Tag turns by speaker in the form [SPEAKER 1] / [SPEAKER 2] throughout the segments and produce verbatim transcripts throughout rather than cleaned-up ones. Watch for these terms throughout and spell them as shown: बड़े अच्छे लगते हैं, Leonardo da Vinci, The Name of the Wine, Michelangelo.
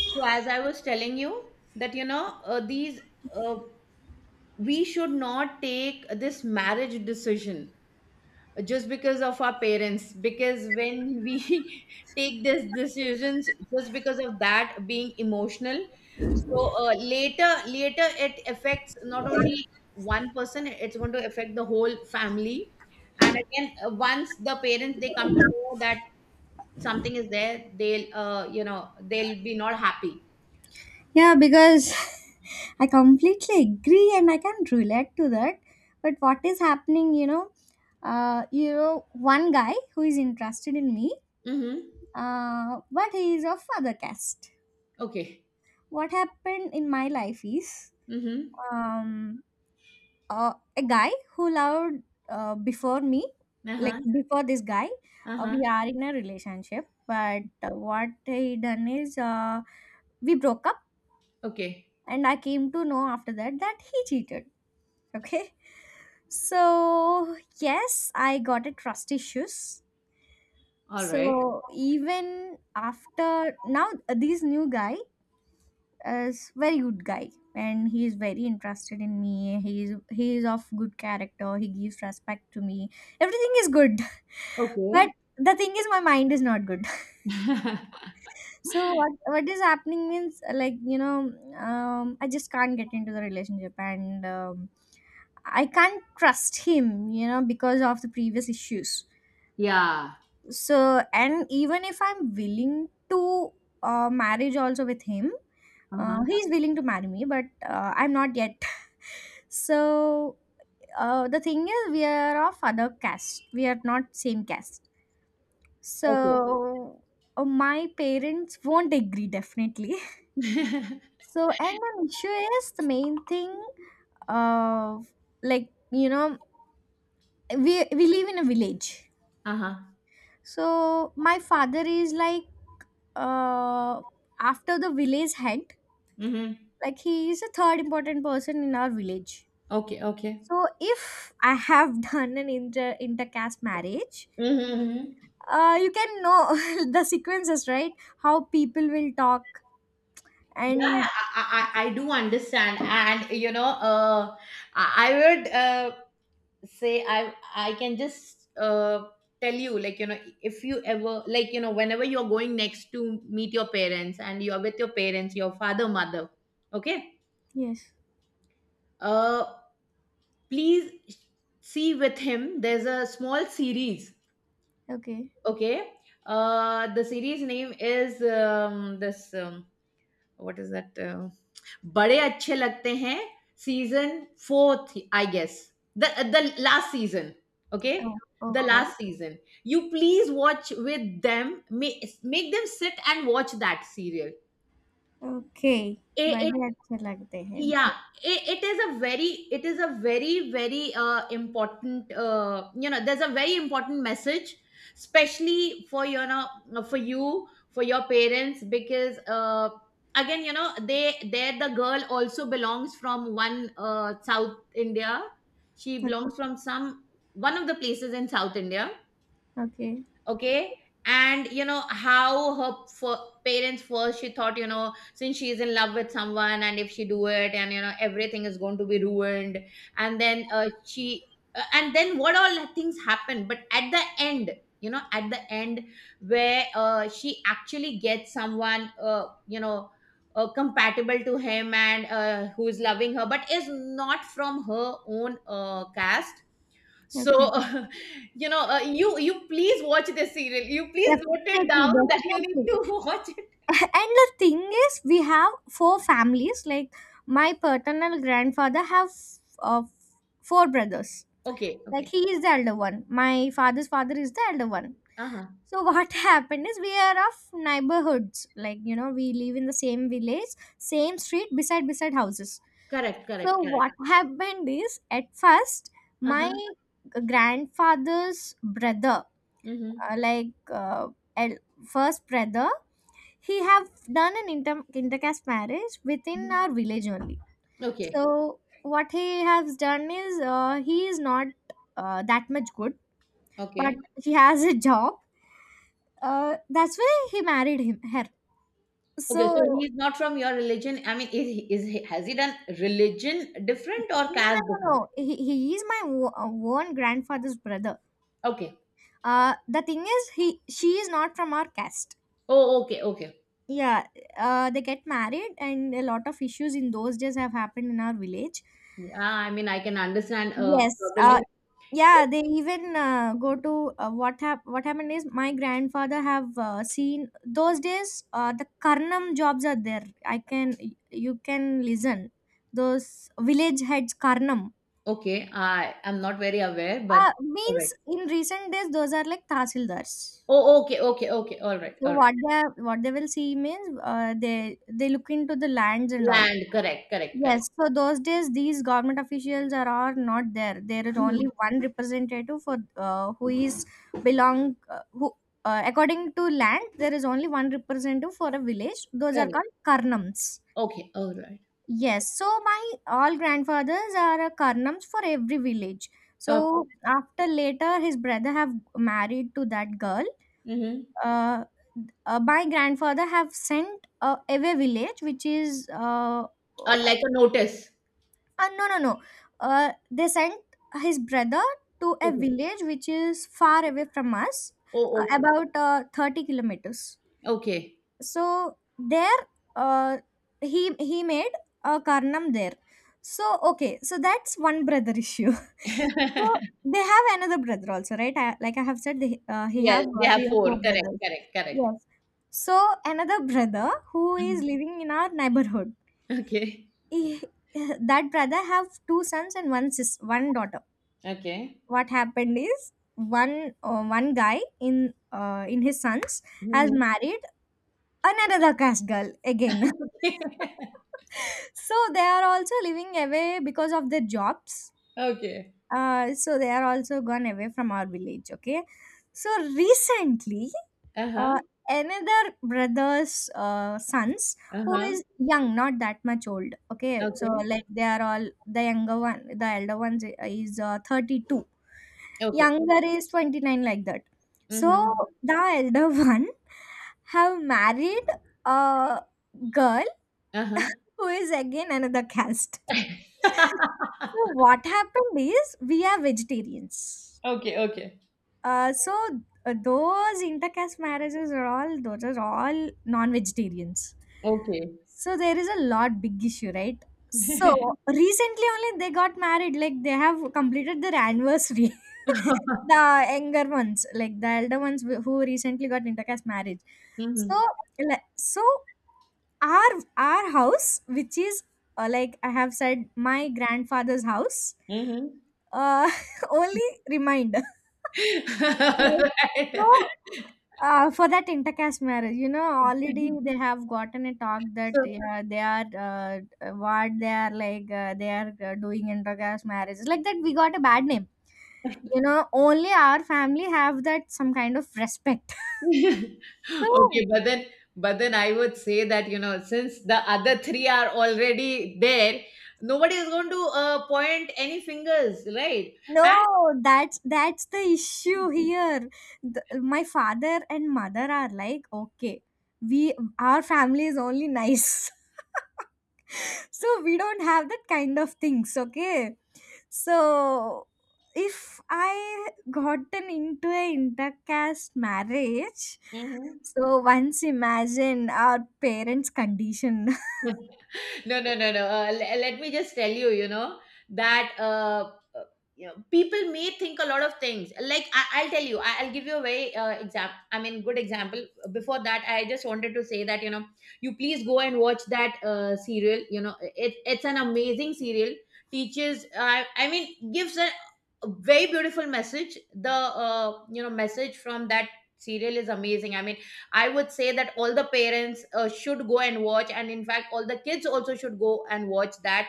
[SPEAKER 1] So as I was telling you that you know uh, these uh, we should not take this marriage decision just because of our parents, because when we take these decisions just because of that being emotional. So uh, later later it affects not only one person, it's going to affect the whole family. And again, uh, once the parents they come to know that something is there, they'll uh, you know they'll be not happy.
[SPEAKER 2] Yeah, because I completely agree and I can relate to that. But what is happening, you know, uh, you know, one guy who is interested in me,
[SPEAKER 1] Hmm.
[SPEAKER 2] uh, but he is of other caste.
[SPEAKER 1] Okay.
[SPEAKER 2] What happened in my life is
[SPEAKER 1] Mm-hmm.
[SPEAKER 2] um, uh, a guy who loved uh, before me, like
[SPEAKER 1] Uh-huh.
[SPEAKER 2] before this guy, uh,
[SPEAKER 1] Uh-huh.
[SPEAKER 2] we are in a relationship. But uh, what he done is uh, we broke up,
[SPEAKER 1] Okay.
[SPEAKER 2] and I came to know after that that he cheated. Okay. So, yes, I got a trust issues.
[SPEAKER 1] All right.
[SPEAKER 2] So, even after now, uh, this new guy is very good guy and he is very interested in me. He is he is of good character. He gives respect to me. Everything is good. But
[SPEAKER 1] Okay.
[SPEAKER 2] the thing is my mind is not good. So what what is happening means, uh, like you know um, I just can't get into the relationship, and um, I can't trust him you know because of the previous issues.
[SPEAKER 1] Yeah.
[SPEAKER 2] So, and even if I'm willing to uh, marriage also with him, uh,
[SPEAKER 1] Uh-huh.
[SPEAKER 2] he's willing to marry me, but uh, I'm not yet. So uh, the thing is we are of other caste, we are not same caste,
[SPEAKER 1] Okay.
[SPEAKER 2] so uh, my parents won't agree definitely. So, and an issue is the main thing of, like, you know, we, we live in a village.
[SPEAKER 1] Uh-huh.
[SPEAKER 2] So, my father is like, uh, after the village head,
[SPEAKER 1] Mm-hmm.
[SPEAKER 2] like, he is a third important person in our village.
[SPEAKER 1] Okay. Okay.
[SPEAKER 2] So, if I have done an inter intercaste marriage,
[SPEAKER 1] Mm-hmm.
[SPEAKER 2] uh, you can know the sequences, right? How people will talk,
[SPEAKER 1] Yeah, yeah.
[SPEAKER 2] and
[SPEAKER 1] I, I, I I do understand, and you know, uh, I, I would uh, say I I can just uh, tell you, like you know, if you ever, like you know, whenever you're going next to meet your parents, and you're with your parents, your father, mother, okay,
[SPEAKER 2] yes,
[SPEAKER 1] uh please see with him, there's a small series.
[SPEAKER 2] okay,
[SPEAKER 1] Okay. Uh the series name is um this um, what is that uh, बड़े अच्छे लगते हैं, season fourth, I guess, the the last season. Okay.
[SPEAKER 2] oh,
[SPEAKER 1] The
[SPEAKER 2] okay,
[SPEAKER 1] last season, you please watch with them. Make, make them sit and watch that serial.
[SPEAKER 2] okay,
[SPEAKER 1] it, it
[SPEAKER 2] बड़े अच्छे लगते हैं.
[SPEAKER 1] Yeah, it, it is a very, it is a very very uh, important, uh, you know, there's a very important message, especially for, you know for you for your parents, because uh, again, you know, they there, the girl also belongs from one, uh, South India. She
[SPEAKER 2] Okay.
[SPEAKER 1] belongs from some one of the places in South India.
[SPEAKER 2] Okay.
[SPEAKER 1] Okay. And you know how her f- parents first she thought, you know, since she is in love with someone and if she do it and you know everything is going to be ruined. And then uh, she uh, and then what all things happen, but at the end, you know, at the end where uh, she actually gets someone uh, you know uh, compatible to him and uh, who is loving her but is not from her own uh, caste.
[SPEAKER 2] Okay.
[SPEAKER 1] So, uh, you know, uh, you you please watch this serial. You please note it
[SPEAKER 2] Definitely,
[SPEAKER 1] down that you need
[SPEAKER 2] definitely.
[SPEAKER 1] to watch it.
[SPEAKER 2] And the thing is, we have four families. Like my paternal grandfather have uh, four brothers.
[SPEAKER 1] Okay,
[SPEAKER 2] Like
[SPEAKER 1] okay.
[SPEAKER 2] he is the elder one. My father's father is the elder one.
[SPEAKER 1] Uh-huh.
[SPEAKER 2] So what happened is we are of neighborhoods. Like you know, we live in the same village, same street, beside beside houses.
[SPEAKER 1] Correct,
[SPEAKER 2] So
[SPEAKER 1] correct, correct.
[SPEAKER 2] what happened is at first my
[SPEAKER 1] Uh-huh.
[SPEAKER 2] grandfather's brother
[SPEAKER 1] Mm-hmm.
[SPEAKER 2] uh, like uh, el- first brother he have done an inter- intercaste marriage within
[SPEAKER 1] Mm-hmm.
[SPEAKER 2] our village only.
[SPEAKER 1] Okay.
[SPEAKER 2] So what he has done is, uh, he is not uh, that much good, but
[SPEAKER 1] Okay.
[SPEAKER 2] he has a job. Uh, that's why he married him her.
[SPEAKER 1] Okay, so
[SPEAKER 2] So
[SPEAKER 1] he's not from your religion. I mean, is he, is he, has he done religion different or
[SPEAKER 2] no, no,
[SPEAKER 1] caste
[SPEAKER 2] no, no,
[SPEAKER 1] different?
[SPEAKER 2] he, he is my o- own grandfather's brother.
[SPEAKER 1] Okay.
[SPEAKER 2] Uh, the thing is he she is not from our caste.
[SPEAKER 1] Oh, okay, okay.
[SPEAKER 2] Yeah, uh, they get married, and a lot of issues in those days have happened in our village.
[SPEAKER 1] Yeah, I mean, I can understand. Uh,
[SPEAKER 2] Yes, uh,
[SPEAKER 1] probably.
[SPEAKER 2] yeah, they even uh, go to uh, what hap- what happened is my grandfather have uh, seen those days uh, the karnam jobs are there. I can You can listen those village heads karnam.
[SPEAKER 1] Okay, I I'm not very aware, but
[SPEAKER 2] Uh,
[SPEAKER 1] all right.
[SPEAKER 2] means in recent days those are like tahsildars.
[SPEAKER 1] Oh, okay, okay, okay. All right,
[SPEAKER 2] So
[SPEAKER 1] all right.
[SPEAKER 2] what they what they will see means, uh, they they look into the lands and all.
[SPEAKER 1] Land, correct, correct, correct.
[SPEAKER 2] Yes, so those days these government officials are, are not there. There is only
[SPEAKER 1] Mm-hmm.
[SPEAKER 2] one representative for, uh, who is belong, uh, who, uh, according to land there is only one representative for a village. Those are
[SPEAKER 1] Correct.
[SPEAKER 2] called karnams.
[SPEAKER 1] Okay. All right.
[SPEAKER 2] Yes, so my all grandfathers are uh, karnams for every village.
[SPEAKER 1] Okay.
[SPEAKER 2] So after later his brother have married to that girl.
[SPEAKER 1] Mm-hmm.
[SPEAKER 2] Uh, uh, my grandfather have sent uh, away village which is uh,
[SPEAKER 1] Or like a notice.
[SPEAKER 2] Uh, no, no, no. Uh, they sent his brother to a
[SPEAKER 1] Okay.
[SPEAKER 2] village which is far away from us, uh,
[SPEAKER 1] Oh, okay.
[SPEAKER 2] about uh, thirty kilometers.
[SPEAKER 1] Okay.
[SPEAKER 2] So there, uh, he he made a Karnam there. So okay, so that's one brother issue. So they have another brother also, right? I, like I have said, they, uh, he have
[SPEAKER 1] Yes, they
[SPEAKER 2] uh,
[SPEAKER 1] have
[SPEAKER 2] three or
[SPEAKER 1] four.
[SPEAKER 2] four
[SPEAKER 1] Correct.
[SPEAKER 2] brothers.
[SPEAKER 1] Correct. Correct.
[SPEAKER 2] Yes. So another brother who is
[SPEAKER 1] Mhm.
[SPEAKER 2] living in our neighborhood,
[SPEAKER 1] Okay.
[SPEAKER 2] he- that brother have two sons and one sis one daughter.
[SPEAKER 1] Okay.
[SPEAKER 2] What happened is one uh, one guy in uh, in his sons has
[SPEAKER 1] Mm-hmm.
[SPEAKER 2] married another caste girl again. So they are also living away because of their jobs.
[SPEAKER 1] Okay.
[SPEAKER 2] Uh, so they are also gone away from our village, okay. So recently,
[SPEAKER 1] Uh huh.
[SPEAKER 2] uh, another brother's uh, sons
[SPEAKER 1] Uh
[SPEAKER 2] who
[SPEAKER 1] huh.
[SPEAKER 2] is young, not that much old, okay. So
[SPEAKER 1] Okay.
[SPEAKER 2] like they are all the younger one, the elder one is uh, thirty-two,
[SPEAKER 1] Okay.
[SPEAKER 2] younger is twenty-nine, like that. So
[SPEAKER 1] Mm-hmm.
[SPEAKER 2] the elder one have married a girl
[SPEAKER 1] Uh huh.
[SPEAKER 2] who is again another caste. So what happened is we are vegetarians.
[SPEAKER 1] Okay. Okay.
[SPEAKER 2] Uh, so uh, those intercaste marriages are all, those are all non-vegetarians.
[SPEAKER 1] Okay.
[SPEAKER 2] So there is a lot big issue, right? So recently only they got married, like they have completed their anniversary. The younger ones, like the elder ones who who recently got intercaste marriage.
[SPEAKER 1] Mm-hmm.
[SPEAKER 2] So, like, so our our house, which is, uh, like I have said, my grandfather's house,
[SPEAKER 1] Mm-hmm.
[SPEAKER 2] uh, only reminder. Like, so,
[SPEAKER 1] Right.
[SPEAKER 2] uh, for that intercaste marriage, you know, already they have gotten a talk that
[SPEAKER 1] So.
[SPEAKER 2] yeah, they are uh, what they are like, uh, they are, uh, doing intercaste marriages like that. We got a bad name. You know, only our family have that some kind of respect. So
[SPEAKER 1] Okay, but then, but then I would say that, you know, since the other three are already there, nobody is going to uh, point any fingers, right?
[SPEAKER 2] no,
[SPEAKER 1] And
[SPEAKER 2] that's that's the issue here. The, my father and mother are like, okay, we our family is only nice, so we don't have that kind of things. Okay, so if I gotten into a intercaste marriage,
[SPEAKER 1] Mhm.
[SPEAKER 2] so once imagine our parents' condition.
[SPEAKER 1] no no no no uh, le- let me just tell you, you know, that uh, uh, you know, people may think a lot of things. Like, I, I'll tell you, I, I'll give you a very uh, example I mean good example. Before that, I just wanted to say that, you know, you please go and watch that uh, serial. You know, it, it's an amazing serial. Teaches I I mean Gives a a very beautiful message. The, uh, you know, message from that serial is amazing. i mean I would say that all the parents uh, should go and watch, and in fact, all the kids also should go and watch that.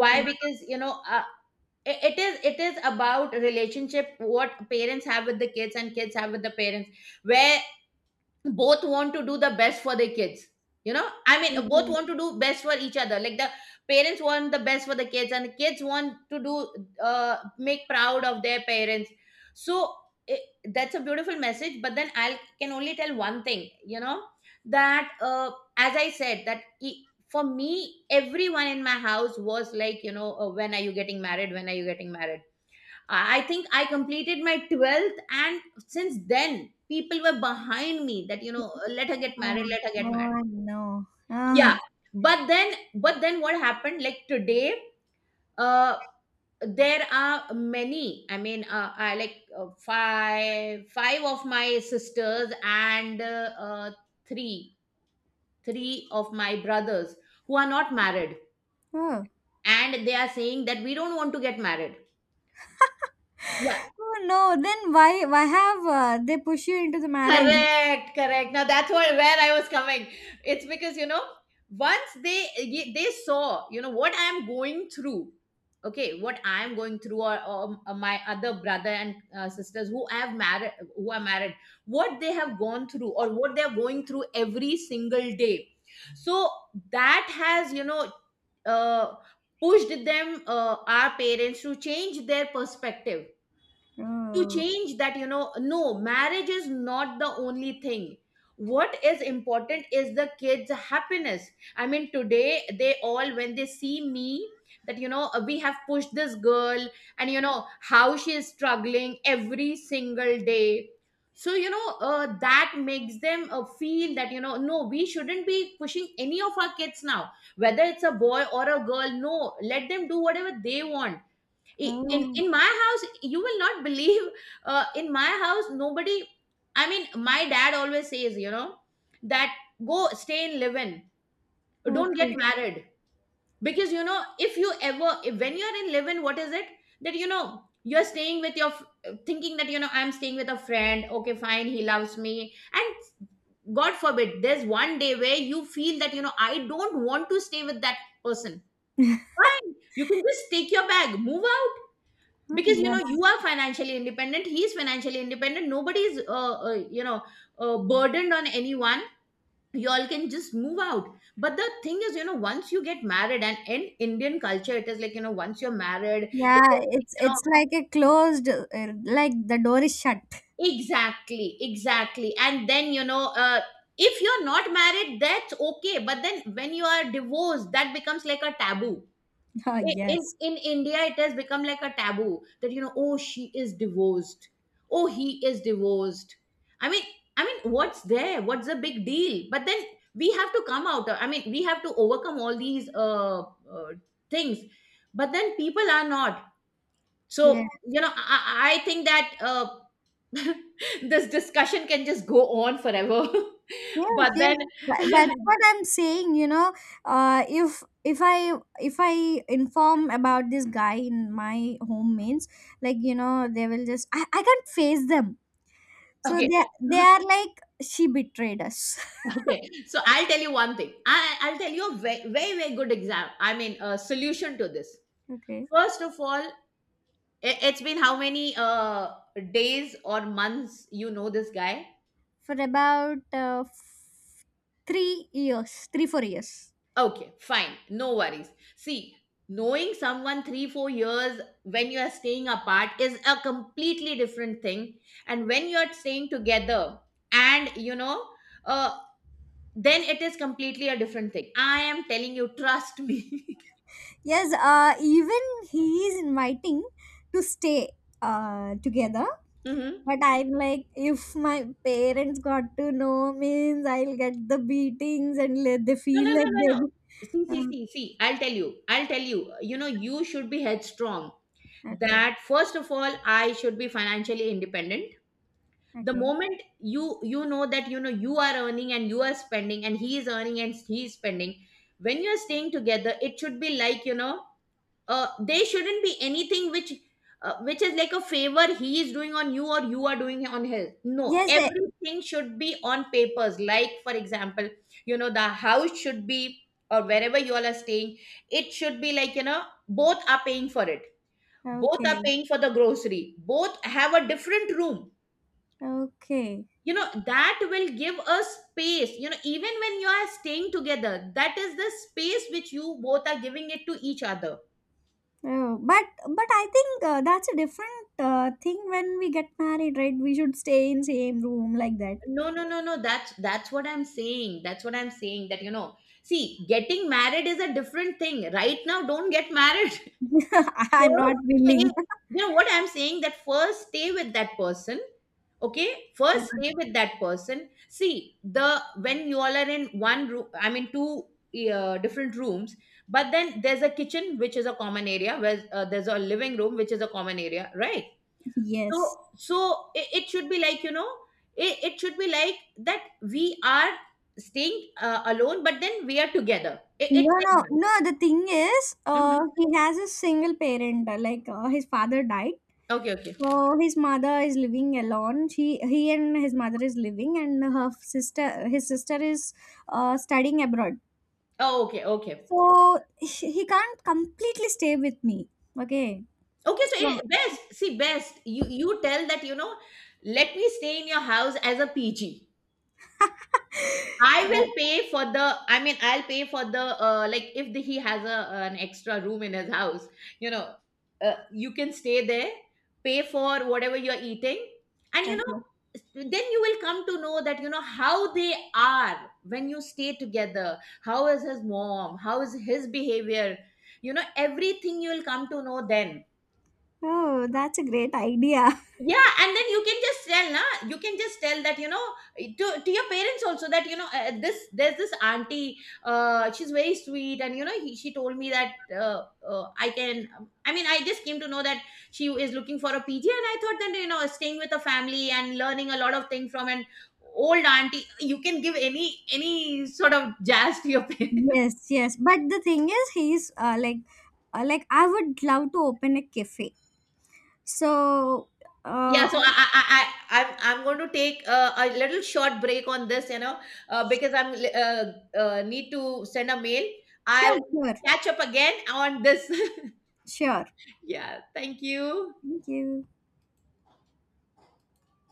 [SPEAKER 1] Why? Because, you know, uh, i- it is it is about relationship, what parents have with the kids and kids have with the parents. Where both want to do the best for their kids, you know, I
[SPEAKER 2] okay,
[SPEAKER 1] mean, both
[SPEAKER 2] okay.
[SPEAKER 1] want to do best for each other. Like the parents want the best for the kids, and the kids want to do, uh, make proud of their parents. So it, that's a beautiful message, but then I can only tell one thing, you know, that uh, as I said, that e- for me, everyone in my house was like, you know, uh, when are you getting married, when are you getting married. I think I completed my twelfth, and since then, people were behind me that, you know, let her get
[SPEAKER 2] Oh,
[SPEAKER 1] married, let her get married.
[SPEAKER 2] oh no.
[SPEAKER 1] Yeah.
[SPEAKER 2] Ah.
[SPEAKER 1] But then, but then what happened? Like today, uh, there are many, I mean uh, I like uh, five five of my sisters and uh, uh, three three of my brothers who are not married,
[SPEAKER 2] Oh.
[SPEAKER 1] and they are saying that we don't want to get married. Yeah.
[SPEAKER 2] Oh no, then why why have uh, they push you into the marriage?
[SPEAKER 1] Correct, correct. Now that's what where I was coming. It's because, you know, once they ye- they saw, you know, what I'm going through. Okay, what I'm going through, or, or my other brother and uh, sisters who I have married, who are married, what they have gone through, or what they are going through every single day. So that has, you know, uh, pushed them, uh, our parents, to change their perspective, to
[SPEAKER 2] Oh,
[SPEAKER 1] change that, you know, no, marriage is not the only thing. What is important is the kids happiness. I mean, today they all, when they see me, that, you know, we have pushed this girl, and you know how she is struggling every single day. So, you know, uh, that makes them uh, feel that, you know, no, we shouldn't be pushing any of our kids now, whether it's a boy or a girl. No, let them do whatever they want. I- in
[SPEAKER 2] oh,
[SPEAKER 1] in my house, you will not believe uh, in my house, nobody. I mean, my dad always says, you know, that go stay in live-in, don't
[SPEAKER 2] okay.
[SPEAKER 1] get married, because, you know, if you ever, if, when you're in live-in, what is it that, you know, you're staying with your f- thinking that, you know, I'm staying with a friend. Okay, fine, he loves me, and god forbid there's one day where you feel that, you know, I don't want to stay with that person. Fine, you can just take your bag, move out.
[SPEAKER 2] Oh,
[SPEAKER 1] Because, you know, you
[SPEAKER 2] yes.
[SPEAKER 1] are financially independent, he is financially independent, nobody is uh, uh, you know uh, burdened on anyone. You all can just move out. But the thing is, you know, once you get married and in Indian culture it is like, you know, once you're married it
[SPEAKER 2] Yeah,
[SPEAKER 1] is like,
[SPEAKER 2] it's
[SPEAKER 1] you know.
[SPEAKER 2] it's like a closed, uh, like the door is shut.
[SPEAKER 1] Exactly exactly. And then, you know, uh, if you're not married, that's okay, but then when you are divorced, that becomes like a taboo.
[SPEAKER 2] Oh,
[SPEAKER 1] In, in
[SPEAKER 2] yes.
[SPEAKER 1] in India, it has become like a taboo that, you know, oh, she is divorced, oh, he is divorced. I mean, i mean what's there, what's the big deal? But then we have to come out, I mean we have to overcome all these uh, uh things, but then people are not.
[SPEAKER 2] Yeah.
[SPEAKER 1] So, you know, i, I I think that uh this discussion can just go on forever.
[SPEAKER 2] Yes,
[SPEAKER 1] But
[SPEAKER 2] yes.
[SPEAKER 1] then.
[SPEAKER 2] That, that's what I'm saying, you know. Uh, if if I if I inform about this guy in my home means, like, you know, they will just I, I can't face them. So
[SPEAKER 1] Okay.
[SPEAKER 2] they they are like she betrayed us.
[SPEAKER 1] Okay, so I'll tell you one thing. I, I'll tell you a very, very, very good exam. I mean, a solution to this.
[SPEAKER 2] Okay.
[SPEAKER 1] First of all, i- it's been how many uh, days or months you know this guy?
[SPEAKER 2] For about uh, f- three years, three, four years.
[SPEAKER 1] Okay, fine, no worries. See, knowing someone three, four years when you are staying apart is a completely different thing, and when you are staying together, and, you know, uh, then it is completely a different thing. I am telling you, trust me.
[SPEAKER 2] Yes, uh, even he is inviting to stay uh, together.
[SPEAKER 1] Mhm.
[SPEAKER 2] But I'm like, if my parents got to know, means I'll get the beatings and let they
[SPEAKER 1] No, no,
[SPEAKER 2] feel
[SPEAKER 1] no,
[SPEAKER 2] like
[SPEAKER 1] no,
[SPEAKER 2] they.
[SPEAKER 1] no. See, see,
[SPEAKER 2] Uh,
[SPEAKER 1] see, see. I'll tell you. I'll tell you. You know, you should be headstrong.
[SPEAKER 2] okay,
[SPEAKER 1] That first of all, I should be financially independent. The
[SPEAKER 2] okay.
[SPEAKER 1] moment you you know that, you know, you are earning and you are spending, and he is earning and he is spending. When you are staying together, it should be like, you know, uh, there shouldn't be anything which, uh, which is like a favor he is doing on you or you are doing on his. No,
[SPEAKER 2] Yes, eh,
[SPEAKER 1] everything should be on papers, like for example, you know, the house should be, or wherever you all are staying, it should be like, you know, both are paying for it. Both are
[SPEAKER 2] okay,
[SPEAKER 1] paying for the grocery. Both have a different room.
[SPEAKER 2] okay.
[SPEAKER 1] You know, that will give a space. You know, even when you are staying together, that is the space which you both are giving it to each other.
[SPEAKER 2] Oh, but but I think uh, that's a different uh, thing when we get married, right? We should stay in same room like that.
[SPEAKER 1] No no no no that's that's what I'm saying. That's what i'm saying that, you know, see, getting married is a different thing. Right now, don't get married.
[SPEAKER 2] I'm not
[SPEAKER 1] First stay.
[SPEAKER 2] willing.
[SPEAKER 1] You know what I'm saying? That first stay with that person. Okay, first stay with that person. See, the when you all are in one room, I mean, two, uh, different rooms, but then there's a kitchen which is a common area, where uh, there's a living room which is a common area, right? so
[SPEAKER 2] Yes.
[SPEAKER 1] so, it, it should be like, you know, it, it should be like that we are staying uh, alone, but then we are together. It,
[SPEAKER 2] No,
[SPEAKER 1] it's like
[SPEAKER 2] no,
[SPEAKER 1] that.
[SPEAKER 2] no. The thing is, uh,
[SPEAKER 1] Mhm.
[SPEAKER 2] he has a single parent. uh, Like uh, his father died,
[SPEAKER 1] Okay. Okay.
[SPEAKER 2] so his mother is living alone. She, he, and his mother is living, and her sister, his sister is uh, studying abroad.
[SPEAKER 1] Oh, okay, okay,
[SPEAKER 2] So he he can't completely stay with me. Okay.
[SPEAKER 1] okay, so,
[SPEAKER 2] So.
[SPEAKER 1] it, best see, best you you tell that, you know, let me stay in your house as a PG. I
[SPEAKER 2] uh,
[SPEAKER 1] will pay for the. I mean, I'll pay for the. Uh, like, if the, he has a an extra room in his house, you know, uh, you can stay there, pay for whatever you're eating, and, you know,
[SPEAKER 2] okay.
[SPEAKER 1] then you will come to know that, you know, how they are when you stay together. How is his mom? How is his behavior? You know, everything you will come to know then.
[SPEAKER 2] Oh, that's a great idea.
[SPEAKER 1] Yeah, and then you can just tell na, you can just tell that, you know, to, to your parents also, that, you know, uh, this there's this auntie, uh, she's very sweet, and you know, he, she told me that uh, uh, I can um, i mean I just came to know that she is looking for a PG, and I thought that, you know, staying with a family and learning a lot of things from an old auntie, you can give any any sort of jazz to your parents.
[SPEAKER 2] Yes, yes. But the thing is, he's uh, like, uh, like I would love to open a cafe. So,
[SPEAKER 1] Yeah,
[SPEAKER 2] uh,
[SPEAKER 1] so I, I, I, I- I'm, I'm going to take a a little short break on this, you know, uh, because I'm uh, uh, need to send a mail.
[SPEAKER 2] sure,
[SPEAKER 1] I'll
[SPEAKER 2] sure,
[SPEAKER 1] catch up again on this.
[SPEAKER 2] sure.
[SPEAKER 1] Yeah, thank you.
[SPEAKER 2] Thank you.